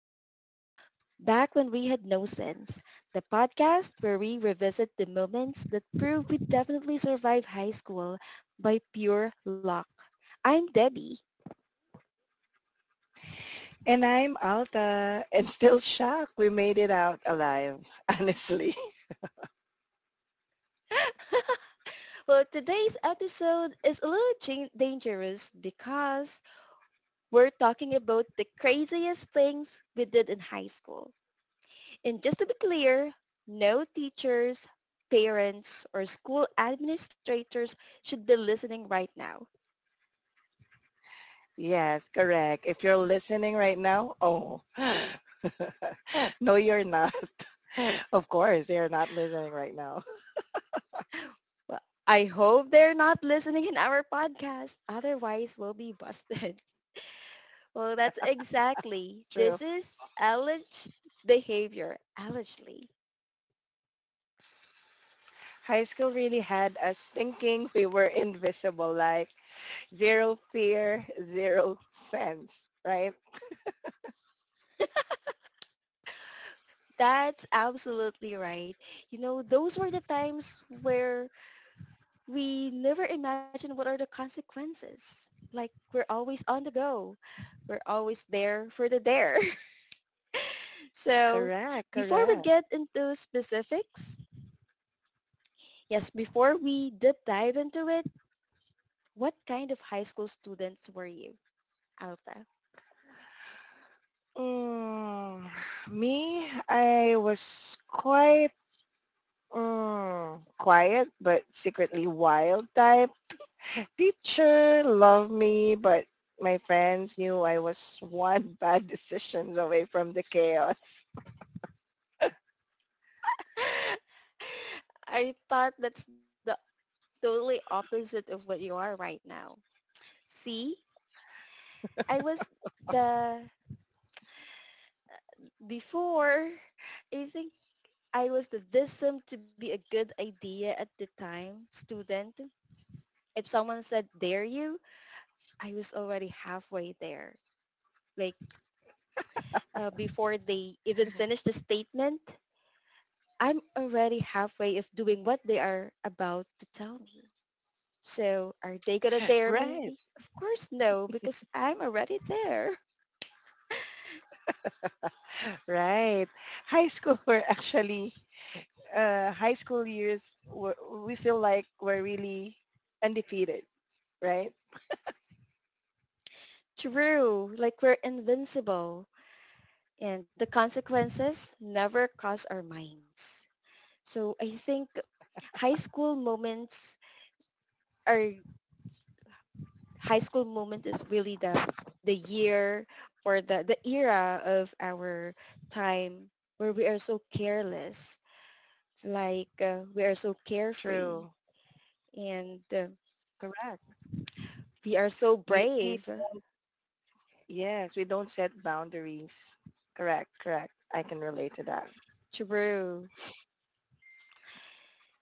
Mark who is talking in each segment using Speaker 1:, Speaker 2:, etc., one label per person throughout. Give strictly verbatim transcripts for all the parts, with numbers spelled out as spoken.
Speaker 1: back to Back When We Had No Sense, the podcast where we revisit the moments that prove we definitely survived high school by pure luck. I'm Debbie.
Speaker 2: And I'm Alta and still shocked we made it out alive, honestly.
Speaker 1: Well, today's episode is a little jan- dangerous because we're talking about the craziest things we did in high school. And just to be clear, no teachers, parents, or school administrators should be listening right now.
Speaker 2: Yes, correct. If you're listening right now, oh, no, you're not. Of course, they're not listening right now.
Speaker 1: Well, I hope they're not listening in our podcast. Otherwise, we'll be busted. Well, that's exactly.
Speaker 2: True.
Speaker 1: This is alleged behavior. Allegedly.
Speaker 2: High school really had us thinking we were invisible, like zero fear, zero sense, right?
Speaker 1: That's absolutely right. You know, those were the times where we never imagined what are the consequences. Like, we're always on the go. We're always there for the dare. So
Speaker 2: Correct,
Speaker 1: before we
Speaker 2: correct.
Speaker 1: get into specifics, yes, before we deep dive into it, what kind of high school students were you, Alpha?
Speaker 2: Mm, me, I was quite Mm, quiet but secretly wild type. Teacher loved me, but my friends knew I was one bad decisions away from the chaos.
Speaker 1: I thought that's the totally opposite of what you are right now. See, I was the before. I think I was the this seemed to be a good idea at the time student. If someone said dare you, I was already halfway there. Like uh, before they even finish the statement, I'm already halfway of doing what they are about to tell me. So are they gonna dare me?
Speaker 2: Right.
Speaker 1: Of course no, because I'm already there.
Speaker 2: Right. High school were actually, uh, high school years, were, we feel like we're really undefeated, right?
Speaker 1: True, like we're invincible and the consequences never cross our minds. So I think high school moments are high school moment is really the the year or the, the era of our time where we are so careless, like uh, we are so carefree
Speaker 2: True.
Speaker 1: and uh,
Speaker 2: Correct.
Speaker 1: we are so
Speaker 2: We,
Speaker 1: brave.
Speaker 2: yes, we don't set boundaries. Correct, correct. I can relate to that.
Speaker 1: True.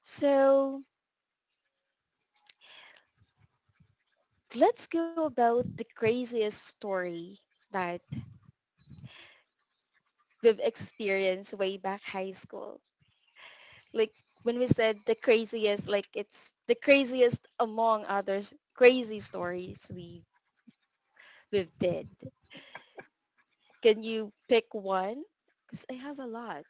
Speaker 1: So let's go about the craziest story that we've experienced way back high school. Like when we said the craziest, like it's the craziest among others crazy stories we we've did. Can you pick one? Because I have a lot.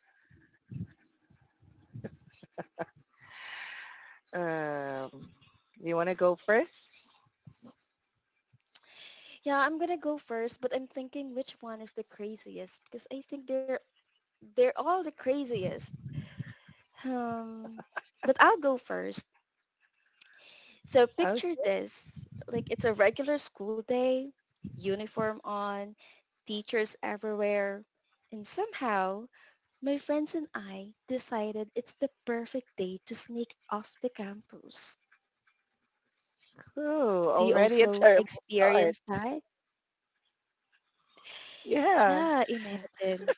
Speaker 2: Um, you want to go first?
Speaker 1: Yeah, I'm gonna go first, but I'm thinking which one is the craziest because I think they're they're all the craziest. Um, but I'll go first. So
Speaker 2: Oh,
Speaker 1: picture this, like it's a regular school day, uniform on, teachers everywhere, and somehow my friends and I decided it's the perfect day to sneak off the campus.
Speaker 2: cool.
Speaker 1: Do you
Speaker 2: Already a
Speaker 1: also
Speaker 2: terrible start.
Speaker 1: experience that?
Speaker 2: Yeah.
Speaker 1: Yeah, imagine.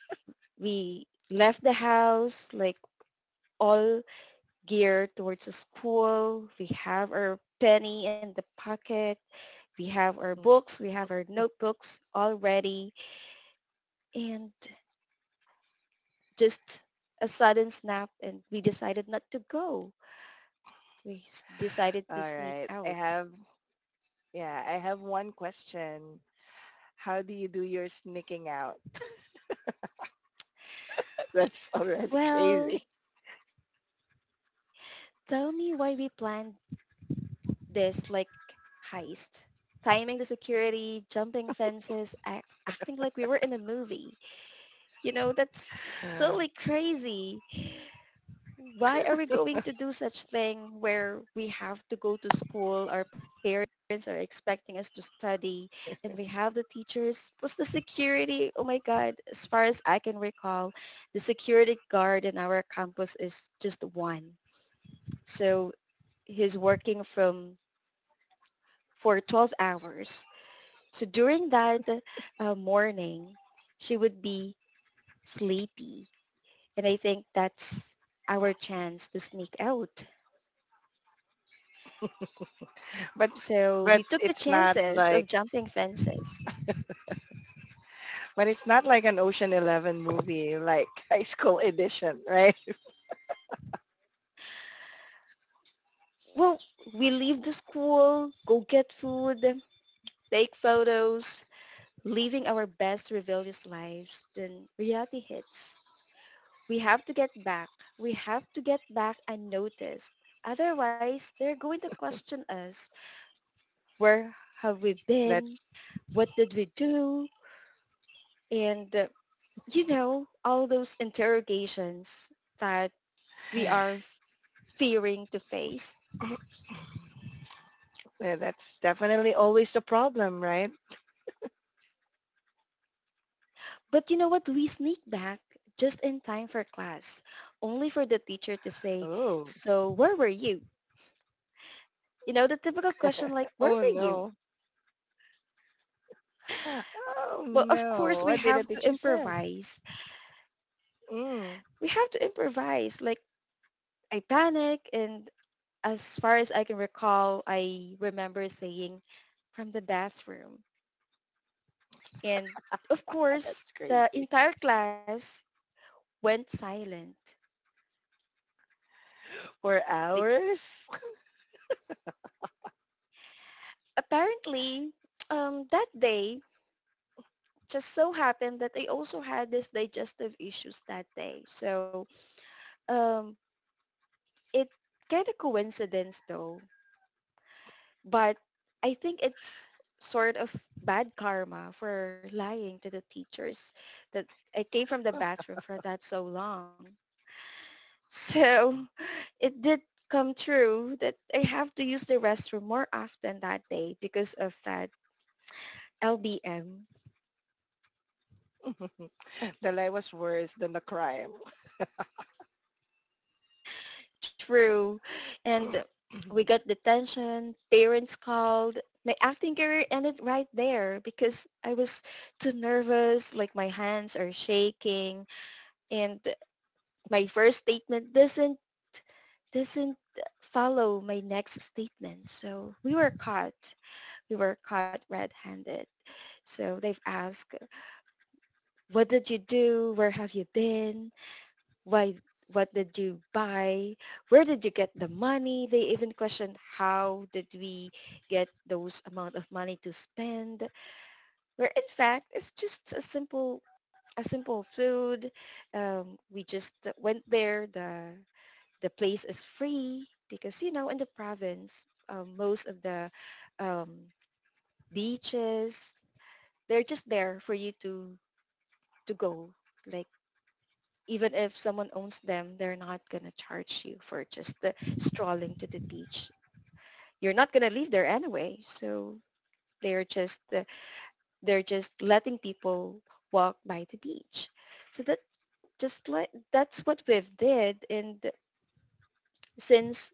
Speaker 1: We left the house like all geared towards the school. We have our penny in the pocket. We have our
Speaker 2: All
Speaker 1: books. We have our notebooks all ready, and just a sudden snap and we decided not to go. We s- decided to sneak
Speaker 2: right. I
Speaker 1: out.
Speaker 2: have, yeah, I have one question. How do you do your sneaking out? That's already
Speaker 1: Well,
Speaker 2: crazy.
Speaker 1: tell me why we planned this like heist. Timing the security, jumping fences, a- acting like we were in a movie. You know, that's totally crazy. Why are we going to do such thing where we have to go to school, our parents are expecting us to study, and we have the teachers plus the security? Oh my god, as far as I can recall, the security guard in our campus is just one. So he's working from for twelve hours. So during that uh, morning she would be sleepy, and I think that's our chance to sneak out.
Speaker 2: But
Speaker 1: So
Speaker 2: but
Speaker 1: we took the
Speaker 2: it's not
Speaker 1: chances
Speaker 2: like
Speaker 1: of jumping fences.
Speaker 2: but it's not like an Ocean Eleven movie, like High School Edition, right?
Speaker 1: Well, we leave the school, go get food, take photos, living our best rebellious lives. Then reality hits. We have to get back. We have to get back unnoticed. Otherwise, they're going to question us. Where have we
Speaker 2: That's
Speaker 1: been? What did we do? And, uh, you know, all those interrogations that we are fearing to face.
Speaker 2: yeah, that's definitely always the problem, right?
Speaker 1: But you know what? We sneak back just in time for class, only for the teacher to say,
Speaker 2: Oh,
Speaker 1: so where were you? You know, the typical question like, where
Speaker 2: oh
Speaker 1: were you?
Speaker 2: no. Oh
Speaker 1: Well, of course,
Speaker 2: no,
Speaker 1: we
Speaker 2: what did the
Speaker 1: have to
Speaker 2: teacher said?
Speaker 1: improvise.
Speaker 2: Mm,
Speaker 1: We have to improvise. Like, I panic, and as far as I can recall, I remember saying, from the bathroom. And of
Speaker 2: ah,
Speaker 1: course,
Speaker 2: that's
Speaker 1: the
Speaker 2: crazy.
Speaker 1: entire class went silent.
Speaker 2: For
Speaker 1: Like,
Speaker 2: hours?
Speaker 1: apparently, um, that day, just so happened that I also had this digestive issues that day. So um, it kind of coincidence though, but I think it's sort of bad karma for lying to the teachers that I came from the bathroom for that so long. So it did come true that I have to use the restroom more often that day because of that L B M.
Speaker 2: The lie was worse than the crime.
Speaker 1: True. And we got detention, parents called. My acting career ended right there because I was too nervous, like my hands are shaking and my first statement doesn't doesn't follow my next statement. So we were caught. We were caught red-handed. So they've asked, what did you do? Where have you been? Why, what did you buy, where did you get the money? They even question how did we get those amount of money to spend, where in fact it's just a simple a simple food. Um, we just went there. The the place is free because you know, in the province, um, most of the um, beaches, they're just there for you to to go. Like even if someone owns them, they're not going to charge you for just the strolling to the beach. You're not going to leave there anyway, so they're just uh, they're just letting people walk by the beach. So that just like that's what we've did, and since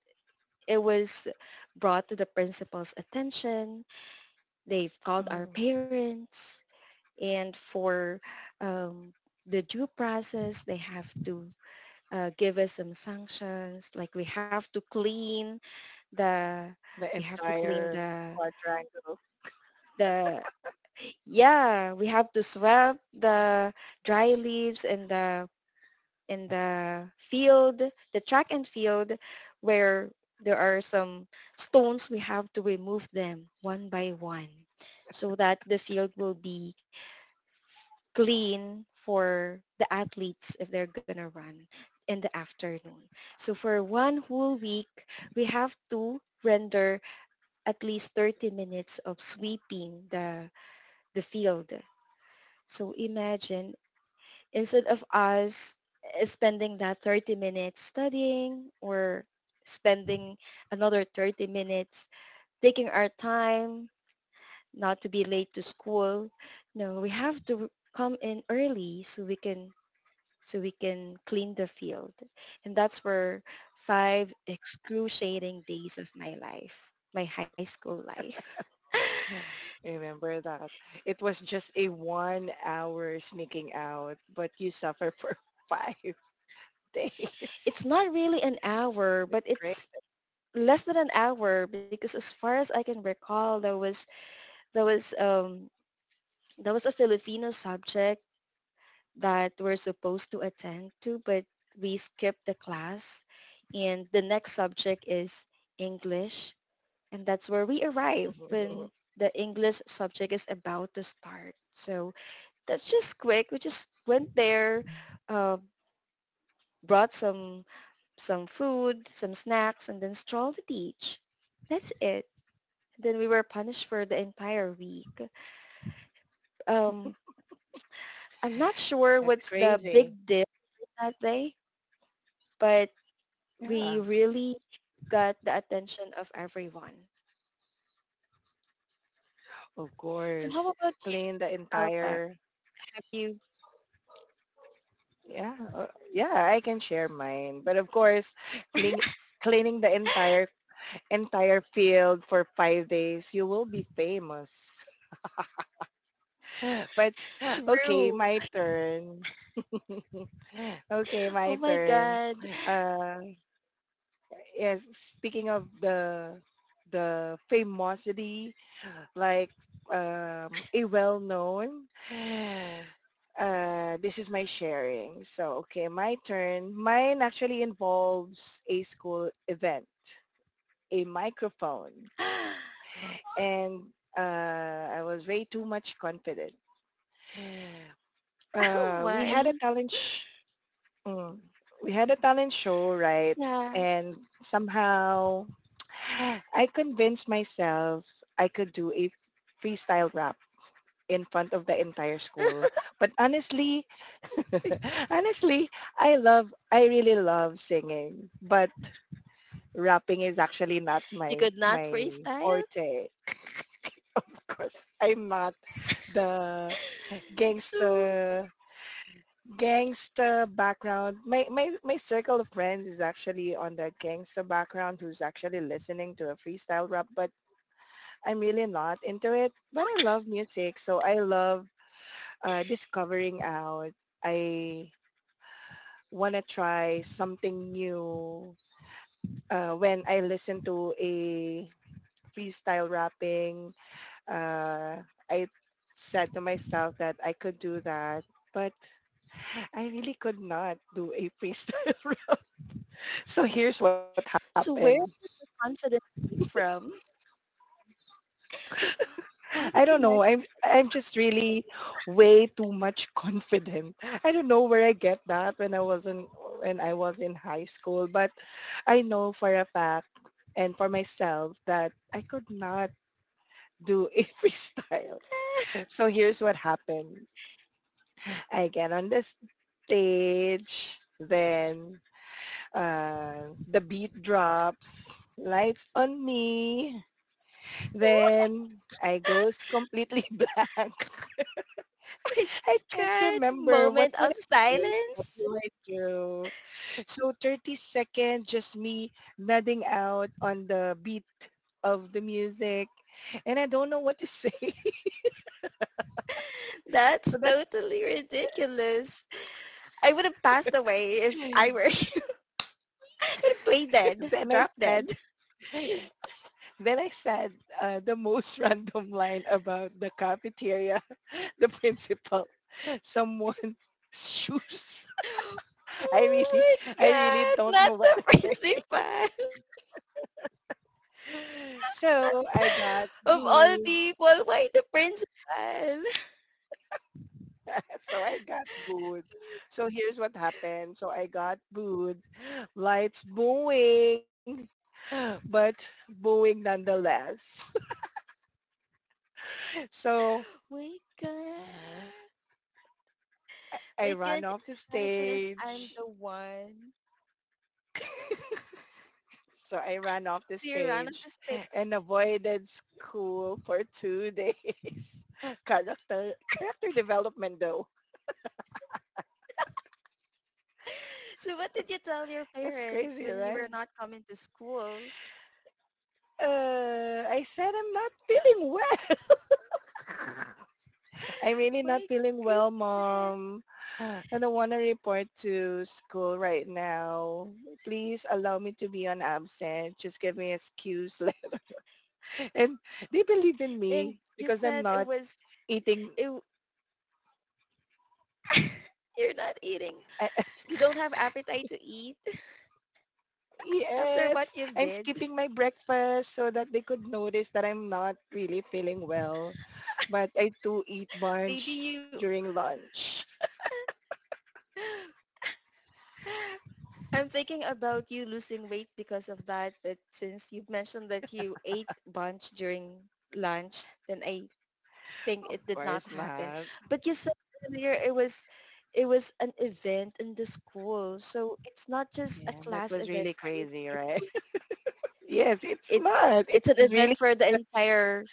Speaker 1: it was brought to the principal's attention, they've called our
Speaker 2: Mm,
Speaker 1: parents, and for um, the due process, they have to uh, give us some sanctions like we have to clean the
Speaker 2: the
Speaker 1: we have to clean
Speaker 2: entire
Speaker 1: the
Speaker 2: quadrangle.
Speaker 1: the yeah we have to sweep the dry leaves in the in the field, the track and field, where there are some stones we have to remove them one by one so that the field will be clean for the athletes if they're going to run in the afternoon. So for one whole week, we have to render at least thirty minutes of sweeping the, the field. So imagine instead of us spending that thirty minutes studying or spending another thirty minutes taking our time not to be late to school. No, we have to come in early so we can so we can clean the field. And that's where five excruciating days of my life, my high school life.
Speaker 2: Remember that. It was just a one hour sneaking out, but you suffer for five days.
Speaker 1: It's not really an hour,
Speaker 2: That's
Speaker 1: but
Speaker 2: crazy.
Speaker 1: it's less than an hour because as far as I can recall, there was there was um there was a Filipino subject that we're supposed to attend to, but we skipped the class. And the next subject is English. And that's where we arrive when the English subject is about to start. So that's just quick. We just went there, uh, brought some some food, some snacks, and then strolled the beach. That's it. Then we were punished for the entire week. Um, I'm not sure
Speaker 2: That's
Speaker 1: what's the big
Speaker 2: crazy.
Speaker 1: deal that day, but
Speaker 2: Yeah,
Speaker 1: we really got the attention of everyone.
Speaker 2: of
Speaker 1: So how
Speaker 2: course.
Speaker 1: about you,
Speaker 2: Clean the
Speaker 1: Alpha?
Speaker 2: entire
Speaker 1: Have you?
Speaker 2: Yeah, uh, yeah, I can share mine. But of course, clean, cleaning the entire entire field for five days, you will be famous. But
Speaker 1: True.
Speaker 2: okay, my turn. Okay,
Speaker 1: Oh
Speaker 2: my
Speaker 1: my
Speaker 2: turn.
Speaker 1: God.
Speaker 2: Uh, yes, speaking of the the famosity like um, a well-known. Uh, this is my sharing. So, okay, my turn. Mine actually involves a school event, a microphone, and uh, I was way too much confident.
Speaker 1: Oh
Speaker 2: Uh, we had a
Speaker 1: my.
Speaker 2: talent, sh- mm, we had a talent show, right?
Speaker 1: Yeah.
Speaker 2: And somehow, I convinced myself I could do a freestyle rap in front of the entire school. But honestly, honestly, I love, I really love singing, but rapping is actually not
Speaker 1: You
Speaker 2: my,
Speaker 1: could not
Speaker 2: my
Speaker 1: freestyle?
Speaker 2: forte. Of course, I'm not the
Speaker 1: So,
Speaker 2: gangster, gangster background. My, my, my circle of friends is actually on the gangster background who's actually listening to a freestyle rap, but I'm really not into it. But I love music, so I love uh, discovering out. I want to try something new uh, when I listen to a freestyle rapping. Uh, I said to myself that I could do that, but I really could not do a freestyle rap. So here's what
Speaker 1: so
Speaker 2: happened.
Speaker 1: where confidence came from? How
Speaker 2: I
Speaker 1: did
Speaker 2: don't
Speaker 1: you
Speaker 2: know.
Speaker 1: manage
Speaker 2: I'm I'm just
Speaker 1: it?
Speaker 2: really way too much confident. I don't know where I get that when I was in when I was in high school, but I know for a fact and for myself that I could not do a freestyle. So here's what happened. I get on the stage, then uh, the beat drops, lights on me, then I goes
Speaker 1: Oh
Speaker 2: completely blank.
Speaker 1: my
Speaker 2: I can't
Speaker 1: God.
Speaker 2: remember. What
Speaker 1: Moment
Speaker 2: would
Speaker 1: of
Speaker 2: I say? What
Speaker 1: silence?
Speaker 2: will I do? So thirty seconds, just me nodding out on the beat of the music. And I don't know what to say.
Speaker 1: That's
Speaker 2: So that's,
Speaker 1: totally ridiculous. I would have passed away if I were I would have played dead,
Speaker 2: then I
Speaker 1: drop dead.
Speaker 2: said, then I said uh, the most random line about the cafeteria, the principal, someone's shoes. I
Speaker 1: Oh
Speaker 2: really,
Speaker 1: my
Speaker 2: I really
Speaker 1: God.
Speaker 2: don't know
Speaker 1: Not
Speaker 2: what
Speaker 1: the
Speaker 2: to
Speaker 1: crazy
Speaker 2: say. So I got
Speaker 1: of all
Speaker 2: booed
Speaker 1: people, why the principal?
Speaker 2: so I got booed. So here's what happened. So I got booed. Lights booing, but booing nonetheless. So
Speaker 1: My God.
Speaker 2: I I
Speaker 1: I
Speaker 2: ran
Speaker 1: can't
Speaker 2: off the
Speaker 1: imagine if I'm the
Speaker 2: stage.
Speaker 1: one.
Speaker 2: So I ran off the
Speaker 1: So you ran off the
Speaker 2: stage
Speaker 1: stage.
Speaker 2: and avoided school for two days. character character development though.
Speaker 1: So what did you tell your
Speaker 2: That's
Speaker 1: parents
Speaker 2: crazy,
Speaker 1: when you
Speaker 2: right?
Speaker 1: were not coming to school?
Speaker 2: Uh, I said I'm not feeling well. I'm really not
Speaker 1: My
Speaker 2: feeling well,
Speaker 1: goodness.
Speaker 2: Mom. I don't want to report to school right now. Please allow me to be on absent. Just give me an excuse. And they believe in
Speaker 1: And
Speaker 2: me
Speaker 1: you
Speaker 2: because
Speaker 1: said
Speaker 2: I'm
Speaker 1: it
Speaker 2: not
Speaker 1: was,
Speaker 2: eating.
Speaker 1: it, w- you're not eating.
Speaker 2: I,
Speaker 1: You don't have appetite to eat after
Speaker 2: yes,
Speaker 1: what you've
Speaker 2: I'm
Speaker 1: did.
Speaker 2: skipping my breakfast so that they could notice that I'm not really feeling well. But I do eat
Speaker 1: Maybe
Speaker 2: bunch
Speaker 1: you,
Speaker 2: during lunch.
Speaker 1: I'm thinking about you losing weight because of that, but since you've mentioned that you ate bunch during lunch, then I think
Speaker 2: Of
Speaker 1: it did not
Speaker 2: course
Speaker 1: happen.
Speaker 2: not.
Speaker 1: But you said earlier it was it was an event in the school, so it's not just a
Speaker 2: Yeah, that
Speaker 1: class
Speaker 2: was
Speaker 1: event,
Speaker 2: really
Speaker 1: right?
Speaker 2: crazy,
Speaker 1: It
Speaker 2: right?
Speaker 1: was
Speaker 2: Yes, it's
Speaker 1: it's
Speaker 2: not. It
Speaker 1: it's an
Speaker 2: was really
Speaker 1: event for the entire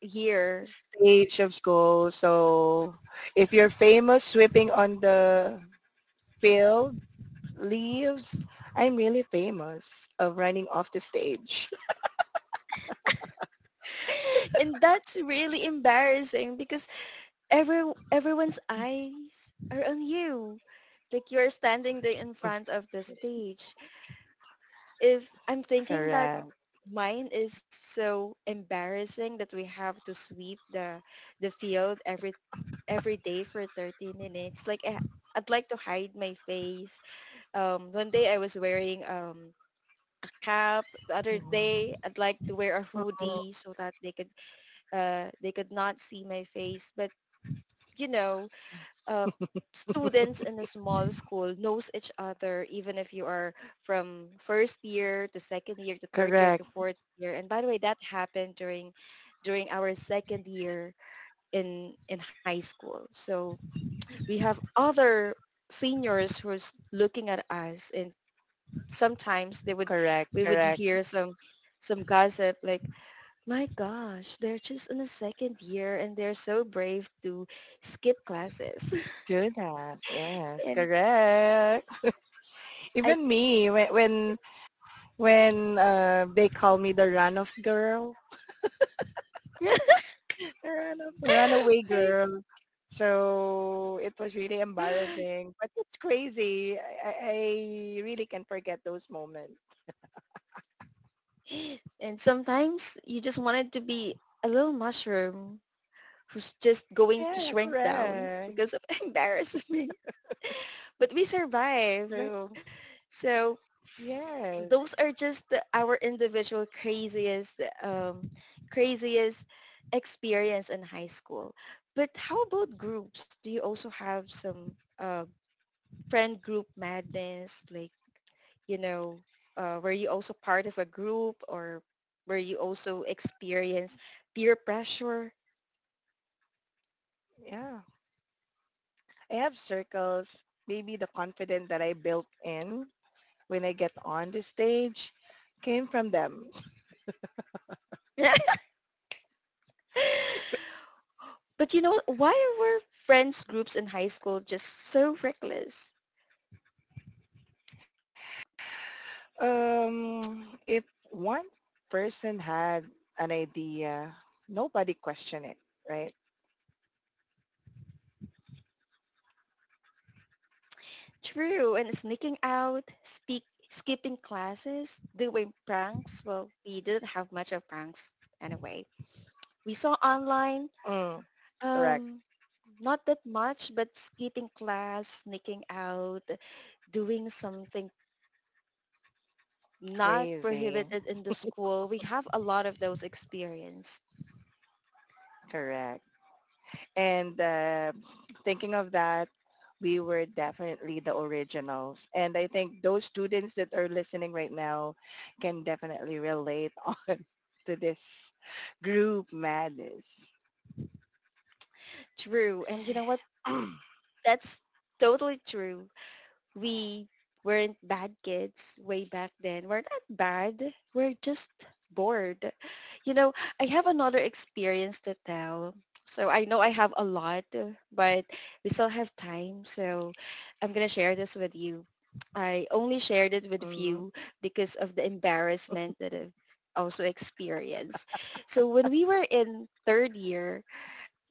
Speaker 1: year.
Speaker 2: stage of school. So if you're famous sweeping on the field, leaves, I'm really famous of running off the stage.
Speaker 1: And that's really embarrassing because every everyone's eyes are on you. Like you're standing there in front of the stage. If I'm thinking that
Speaker 2: Correct.
Speaker 1: mine is so embarrassing that we have to sweep the the field every every day for thirty minutes. Like I, I'd like to hide my face. Um, one day I was wearing um, a cap. The other day
Speaker 2: Mhm.
Speaker 1: I'd like to wear a
Speaker 2: Mhm.
Speaker 1: hoodie so that they could uh, they could not see my face. But you know, uh, students in a small school knows each other even if you are from first year to second year to third year
Speaker 2: Correct.
Speaker 1: to fourth year. And by the way, that happened during during our second year in in high school, so we have other seniors who's looking at us, and sometimes they would
Speaker 2: Correct.
Speaker 1: we would
Speaker 2: Correct.
Speaker 1: hear some some gossip like, my gosh, they're just in the second year and they're so brave to skip classes
Speaker 2: Do that. Yes.
Speaker 1: and
Speaker 2: Correct.
Speaker 1: I
Speaker 2: Even me, when when when uh, they call me the runoff girl, Run- Runaway
Speaker 1: Like,
Speaker 2: Girl. So it was really embarrassing, but it's crazy. I, I I really can forget those moments.
Speaker 1: and sometimes you just wanted to be a little mushroom who's just going to
Speaker 2: Yeah,
Speaker 1: shrink down
Speaker 2: correct.
Speaker 1: because of embarrassment. But we survive.
Speaker 2: True.
Speaker 1: So
Speaker 2: Yes.
Speaker 1: those are just the- our individual craziest, um, craziest experience in high school. But how about groups? Do you also have some uh, friend group madness? Like you know, uh, were you also part of a group, or were you also experience peer pressure?
Speaker 2: Yeah. I have circles. Maybe the confidence that I built in when I get on the stage came from them.
Speaker 1: But you know, why were friends groups in high school just so reckless?
Speaker 2: Um, if one person had an idea, nobody questioned it, right?
Speaker 1: True, and sneaking out, speak, skipping classes, doing pranks. Well, we didn't have much of pranks anyway. We saw online,
Speaker 2: Mm, correct.
Speaker 1: um, not that much, but skipping class, sneaking out, doing something not
Speaker 2: Crazy.
Speaker 1: prohibited in the school. We have a lot of those experience.
Speaker 2: Correct. And uh, thinking of that, we were definitely the originals. And I think those students that are listening right now can definitely relate on to this group madness.
Speaker 1: True. And you know what? That's totally true. We weren't bad kids way back then. We're not bad. We're just bored. You know, I have another experience to tell. So I know I have a lot, but we still have time. So I'm going to share this with you. I only shared it with
Speaker 2: Mhm,
Speaker 1: few because of the embarrassment that I've also experienced. So when we were in third year,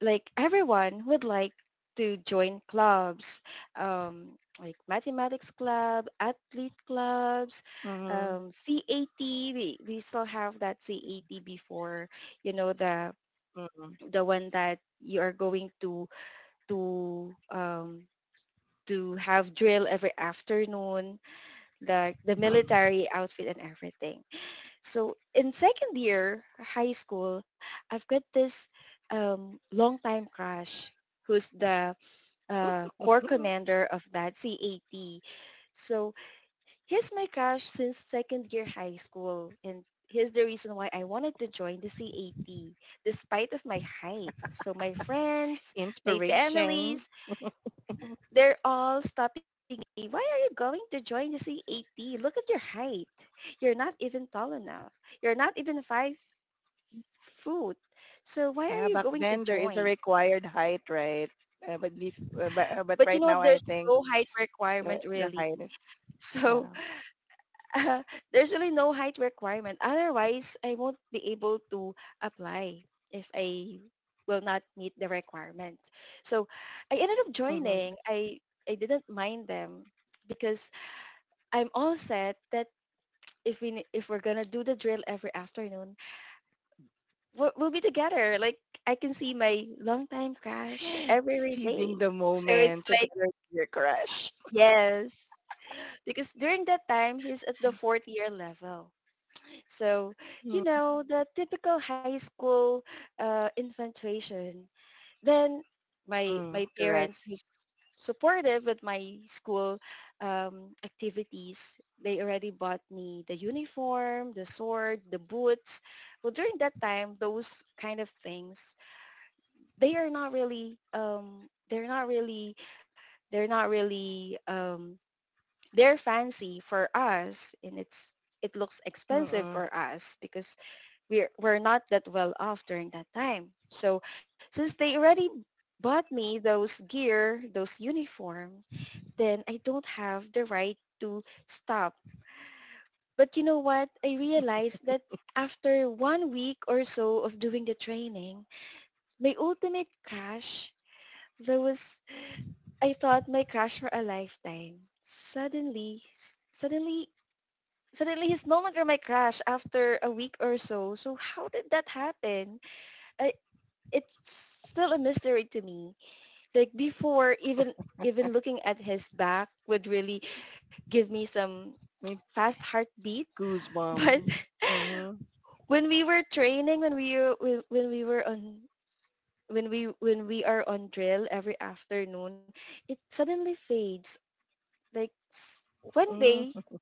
Speaker 1: like everyone would like to join clubs, um, like mathematics club, athlete clubs,
Speaker 2: mhm,
Speaker 1: um, C A T. We, we still have that C A T before, you know, the
Speaker 2: mhm,
Speaker 1: the one that you are going to to um, to have drill every afternoon, the the military outfit and everything. So in second year high school, I've got this um, long time crush who's the uh, corps
Speaker 2: mhm.
Speaker 1: commander of that C A T. So he's my crush since second year high school, and here's the reason why I wanted to join the C A T, despite of my height. So my friends, my
Speaker 2: Inspiration.
Speaker 1: families, they're all stopping me. Why are you going to join the C A T? Look at your height. You're not even tall enough. You're not even five foot. So
Speaker 2: Yeah,
Speaker 1: why are
Speaker 2: back
Speaker 1: you going
Speaker 2: then
Speaker 1: to
Speaker 2: there is a
Speaker 1: join?
Speaker 2: required height, right? Uh, but, bef- uh, but, uh, but
Speaker 1: But you
Speaker 2: right
Speaker 1: know,
Speaker 2: now I
Speaker 1: there's
Speaker 2: think
Speaker 1: no height
Speaker 2: the,
Speaker 1: requirement
Speaker 2: the
Speaker 1: really.
Speaker 2: height is, yeah.
Speaker 1: So there's really no height requirement. Otherwise, I won't be able to apply if I will not meet the requirement. So I ended up
Speaker 2: Mm-hmm.
Speaker 1: joining. I I didn't mind them because I'm all set that if we if we're gonna do the drill every afternoon, we'll, we'll be together. Like I can see my longtime crush every day.
Speaker 2: Seizing the
Speaker 1: So it's
Speaker 2: moment
Speaker 1: like,
Speaker 2: together with your crush.
Speaker 1: yes, because during that time he's at the fourth year level. So, you know, the typical high school uh, infatuation. Then my
Speaker 2: Mm-mm,
Speaker 1: my
Speaker 2: correct.
Speaker 1: parents who's supportive with my school um, activities, they already bought me the uniform, the sword, the boots. Well, during that time, those kind of things, they are not really um, they're not really they're not really um, they're fancy for us, and it's it looks expensive
Speaker 2: Mm-mm.
Speaker 1: for us because we're we're not that well off during that time. So since they already bought me those gear, those uniform, then I don't have the right to stop. But you know what? I realized that after one week or so of doing the training, my ultimate crush, there was, I thought my crush for a lifetime. Suddenly, suddenly, suddenly he's no longer my crush after a week or so. So how did that happen? I, it's still a mystery to me. Like before, even even looking at his back would really give me some
Speaker 2: Me-
Speaker 1: fast heartbeat.
Speaker 2: Goosebump.
Speaker 1: But
Speaker 2: Mm-hmm.
Speaker 1: when we were training, when we when when we were on when we when we are on drill every afternoon, it suddenly fades. Like s- One day
Speaker 2: Mm-hmm.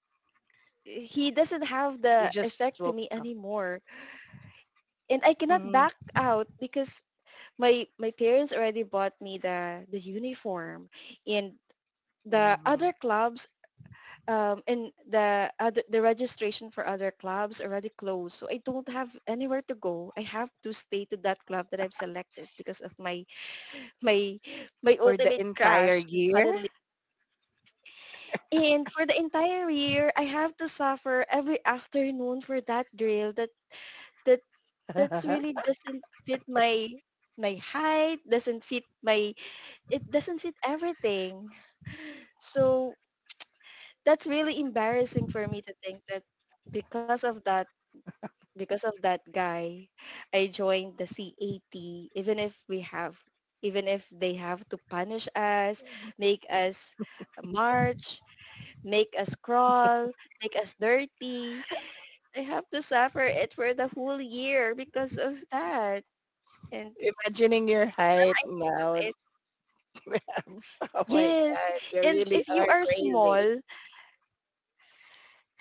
Speaker 1: he doesn't have
Speaker 2: You
Speaker 1: the
Speaker 2: just
Speaker 1: effect to
Speaker 2: woke
Speaker 1: me
Speaker 2: up.
Speaker 1: anymore, and I cannot back
Speaker 2: Mm-hmm.
Speaker 1: out because my my parents already bought me the the uniform, and the other
Speaker 2: Mm-hmm.
Speaker 1: clubs, um and the other the registration for other clubs already closed, so I don't have anywhere to go. I have to stay to that club that I've selected because of my my my
Speaker 2: For the
Speaker 1: ultimate
Speaker 2: entire
Speaker 1: crash
Speaker 2: year?
Speaker 1: suddenly, and for the entire year I have to suffer every afternoon for that drill that that that's really doesn't fit my my height, doesn't fit my, it doesn't fit everything. So that's really embarrassing for me to think that because of that, because of that guy, I joined the C A T, even if we have, even if they have to punish us, make us march, make us crawl, make us dirty. I have to suffer it for the whole year because of that. And
Speaker 2: Imagining your height now.
Speaker 1: it,
Speaker 2: Tibs. Oh my
Speaker 1: yes,
Speaker 2: God. You
Speaker 1: and
Speaker 2: really
Speaker 1: if you
Speaker 2: are
Speaker 1: are small,
Speaker 2: crazy.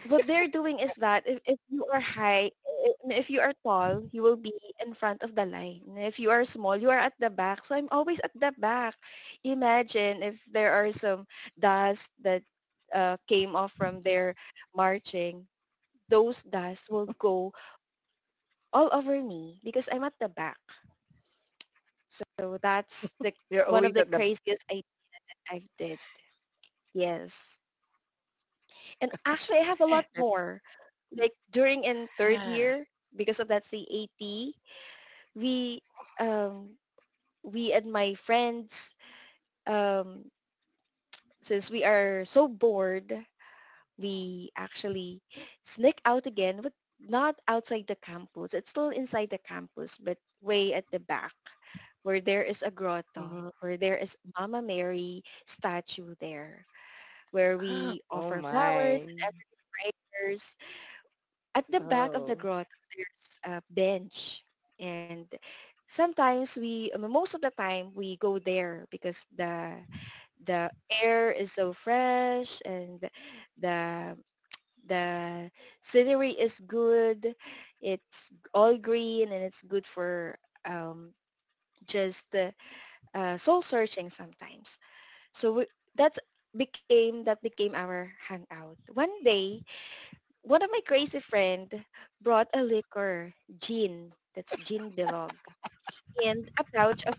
Speaker 1: what they're doing is that, if, if you are high i- if you are tall, you will be in front of the line. If you are small, you are at the back, so I'm always at the back. Imagine if there are some dust that uh, came off from their marching, those dust will go all over me because I'm at the back. So, so that's the
Speaker 2: You're
Speaker 1: one of
Speaker 2: always
Speaker 1: the
Speaker 2: at the...
Speaker 1: craziest i i've did. Yes. And actually, I have a lot more. Like during in third year, because of that C A T, we um, we and my friends, um, since we are so bored, we actually sneak out again, but not outside the campus. It's still inside the campus, but way at the back, where there is a grotto,
Speaker 2: Mhm.
Speaker 1: where there is Mama Mary statue there, where we
Speaker 2: Oh
Speaker 1: offer flowers,
Speaker 2: my.
Speaker 1: and every at the back of the
Speaker 2: Oh.
Speaker 1: grotto there's a bench. And sometimes we um, most of the time we go there because the the air is so fresh, and the the scenery is good. It's all green, and it's good for um, just uh, uh, soul searching sometimes. So we, that's became that became our hangout. One day, one of my crazy friend brought a liquor, gin. That's gin bilog. And a pouch of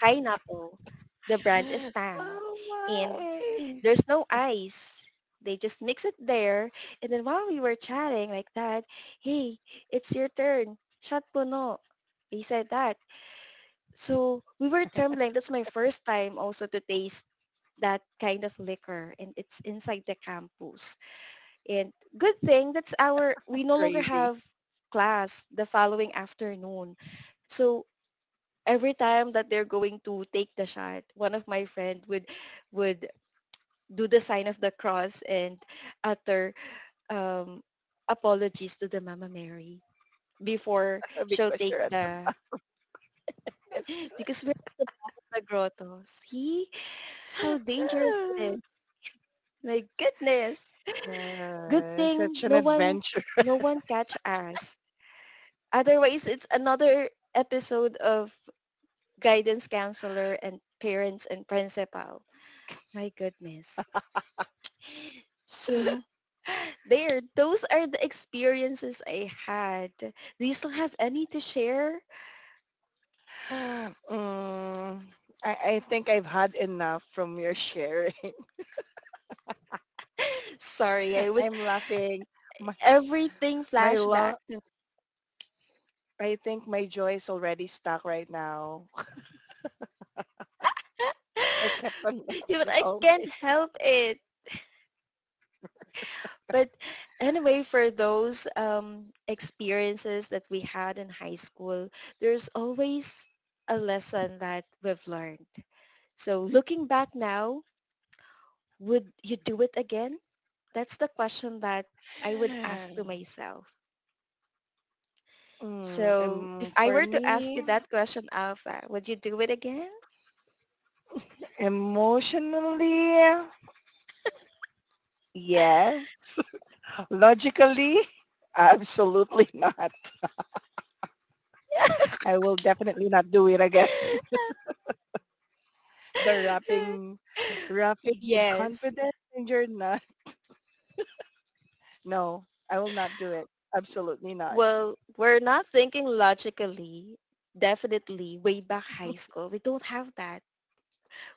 Speaker 1: pineapple. The brand is Tang.
Speaker 2: Oh
Speaker 1: And
Speaker 2: my.
Speaker 1: there's no ice. They just mix it there. And then while we were chatting like that, hey, it's your turn. Shot puno. He said that. So we were trembling. That's my first time also to taste that kind of liquor. And it's inside the campus. And good thing that's our, we no longer
Speaker 2: Crazy.
Speaker 1: have class the following afternoon. So every time that they're going to take the shot, one of my friend would would do the sign of the cross and utter um, apologies to the Mama Mary before
Speaker 2: Uh,
Speaker 1: she'll
Speaker 2: because
Speaker 1: take
Speaker 2: you're at the
Speaker 1: the
Speaker 2: back. It's,
Speaker 1: because we're at the back of the grotto. See how dangerous it
Speaker 2: uh,
Speaker 1: is. My goodness. Good
Speaker 2: yeah,
Speaker 1: thing
Speaker 2: such an
Speaker 1: no one
Speaker 2: adventure.
Speaker 1: no one catch us. Otherwise, it's another episode of guidance counselor and parents and principal. My goodness. So there, those are the experiences I had. Do you still have any to share?
Speaker 2: Mm, I, I think I've had enough from your sharing.
Speaker 1: Sorry, I was
Speaker 2: I'm laughing. My,
Speaker 1: everything
Speaker 2: my
Speaker 1: flashback
Speaker 2: love,
Speaker 1: to
Speaker 2: I think my joy is already stuck right now.
Speaker 1: me.
Speaker 2: I kept on
Speaker 1: Yeah, but
Speaker 2: laughing
Speaker 1: I
Speaker 2: all
Speaker 1: can't
Speaker 2: day.
Speaker 1: help it. But anyway, for those um, experiences that we had in high school, there's always a lesson that we've learned. So looking back now, would you do it again? That's the question that I would ask to myself.
Speaker 2: Mm,
Speaker 1: So
Speaker 2: um,
Speaker 1: if I
Speaker 2: for
Speaker 1: were to ask you
Speaker 2: me,
Speaker 1: that question, Alpha, would you do it again?
Speaker 2: emotionally, yes. Logically, absolutely not. I will definitely not do it again. the rapping, rapping with
Speaker 1: Yes.
Speaker 2: confidence, and you're not. No, I will not do it. Absolutely not.
Speaker 1: Well, we're not thinking logically. Definitely, way back high school, we don't have that.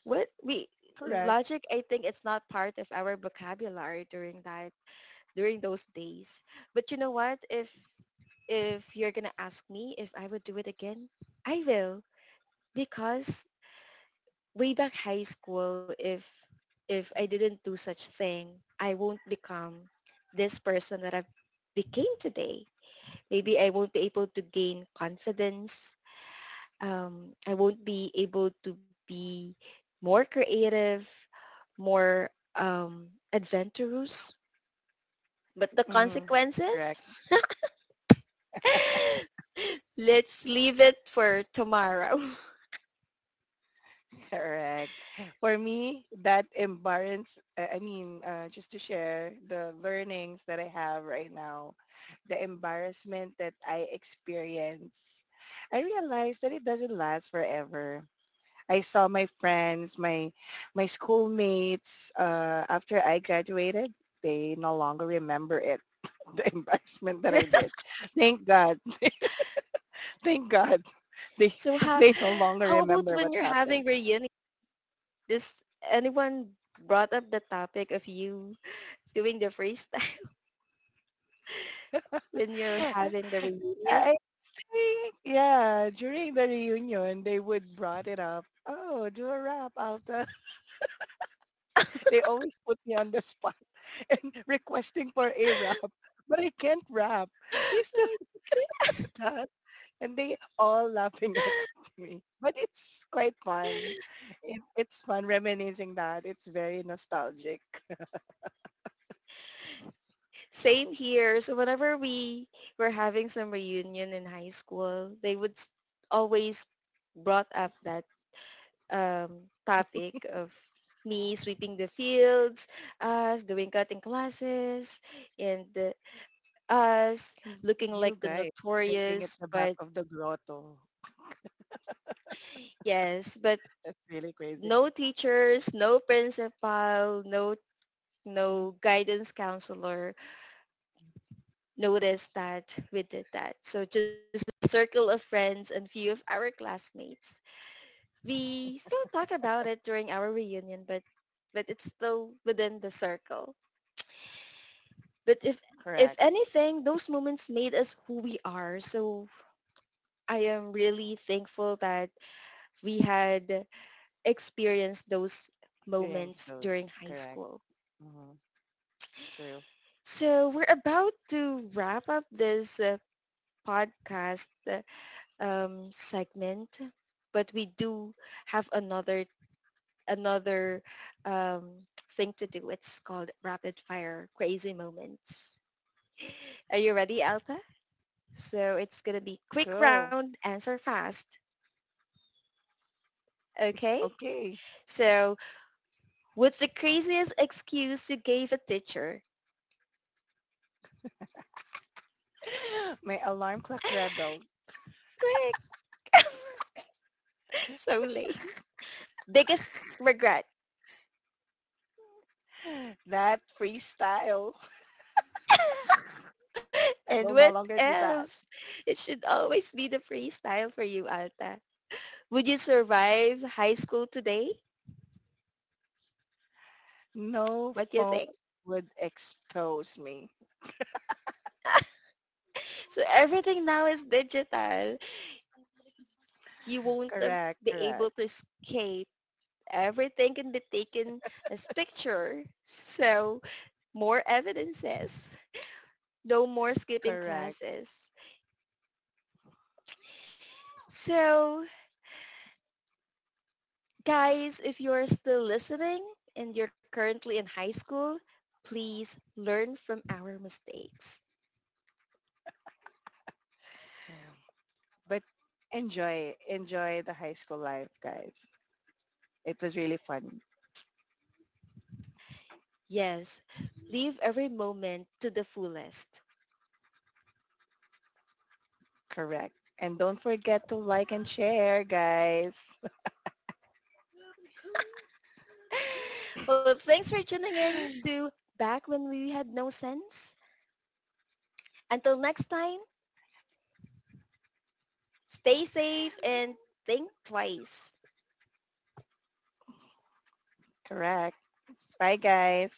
Speaker 1: What we
Speaker 2: Correct.
Speaker 1: Logic, I think it's not part of our vocabulary during that during those days. But you know what? If if you're gonna ask me if I would do it again, I will, because way back high school, if if I didn't do such thing, I won't become this person that I've became today. Maybe I won't be able to gain confidence. Um, I won't be able to be more creative, more um, adventurous. But the
Speaker 2: Hmm. Correct.
Speaker 1: consequences, let's leave it for tomorrow.
Speaker 2: Correct. For me, that embarrass. I I mean, uh, just to share the learnings that I have right now, the embarrassment that I experience, I realized that it doesn't last forever. I saw my friends, my my schoolmates uh, after I graduated. They no longer remember it, the embarrassment that I did. Thank God, thank God, they
Speaker 1: So how
Speaker 2: they no longer
Speaker 1: how about
Speaker 2: remember
Speaker 1: when
Speaker 2: what
Speaker 1: you're having
Speaker 2: happened.
Speaker 1: reunion? Does anyone brought up the topic of you doing the freestyle when you're having the reunion?
Speaker 2: I think yeah, during the reunion they would brought it up. Oh, do a rap, Alta. They always put me on the spot and requesting for a rap, but I can't rap. Do you still have that? And they all laughing
Speaker 1: Okay.
Speaker 2: at me. But it's quite fun. It, it's fun reminiscing that. It's very nostalgic.
Speaker 1: Same here. So whenever we were having some reunion in high school, they would s- always brought up that um, topic of me sweeping the fields, us doing cutting classes, and uh, us looking
Speaker 2: You
Speaker 1: like the
Speaker 2: guys drinking at
Speaker 1: notorious.
Speaker 2: the back
Speaker 1: But
Speaker 2: of the grotto.
Speaker 1: yes, but
Speaker 2: That's really crazy.
Speaker 1: no teachers, no principal, no no guidance counselor. Notice that we did that. So just the circle of friends and few of our classmates. We still talk about it during our reunion, but but it's still within the circle. But if if
Speaker 2: Correct.
Speaker 1: anything, those moments made us who we are. So I am really thankful that we had experienced those
Speaker 2: Experience
Speaker 1: moments during
Speaker 2: those.
Speaker 1: high
Speaker 2: Correct.
Speaker 1: school.
Speaker 2: Mhm. True.
Speaker 1: So we're about to wrap up this uh, podcast. Uh, um, segment, but we do have another another um, thing to do. It's called rapid fire crazy moments. Are you ready, Alta? So it's gonna be quick
Speaker 2: Go.
Speaker 1: round, answer fast. Okay.
Speaker 2: Okay.
Speaker 1: So what's the craziest excuse you gave a teacher?
Speaker 2: My alarm clock rebel.
Speaker 1: Quick. So late. Biggest regret.
Speaker 2: That freestyle. I
Speaker 1: And
Speaker 2: will no
Speaker 1: what
Speaker 2: longer do that.
Speaker 1: else? It should always be the freestyle for you, Alta. Would you survive high school today?
Speaker 2: No
Speaker 1: What do you
Speaker 2: phone
Speaker 1: think?
Speaker 2: would expose me.
Speaker 1: So everything now is digital. You won't um,
Speaker 2: Correct.
Speaker 1: be able
Speaker 2: Correct.
Speaker 1: to escape. Everything can be taken as picture. So more evidences. No more skipping
Speaker 2: Correct.
Speaker 1: classes. So guys, if you're still listening and you're currently in high school, please learn from our mistakes.
Speaker 2: Yeah. But enjoy, enjoy the high school life, guys. It was really fun.
Speaker 1: Yes, live every moment to the fullest.
Speaker 2: Correct. And don't forget to like and share, guys.
Speaker 1: Well, thanks for tuning in to Back When We Had No Sense. Until next time, stay safe and think twice.
Speaker 2: Correct. Bye, guys.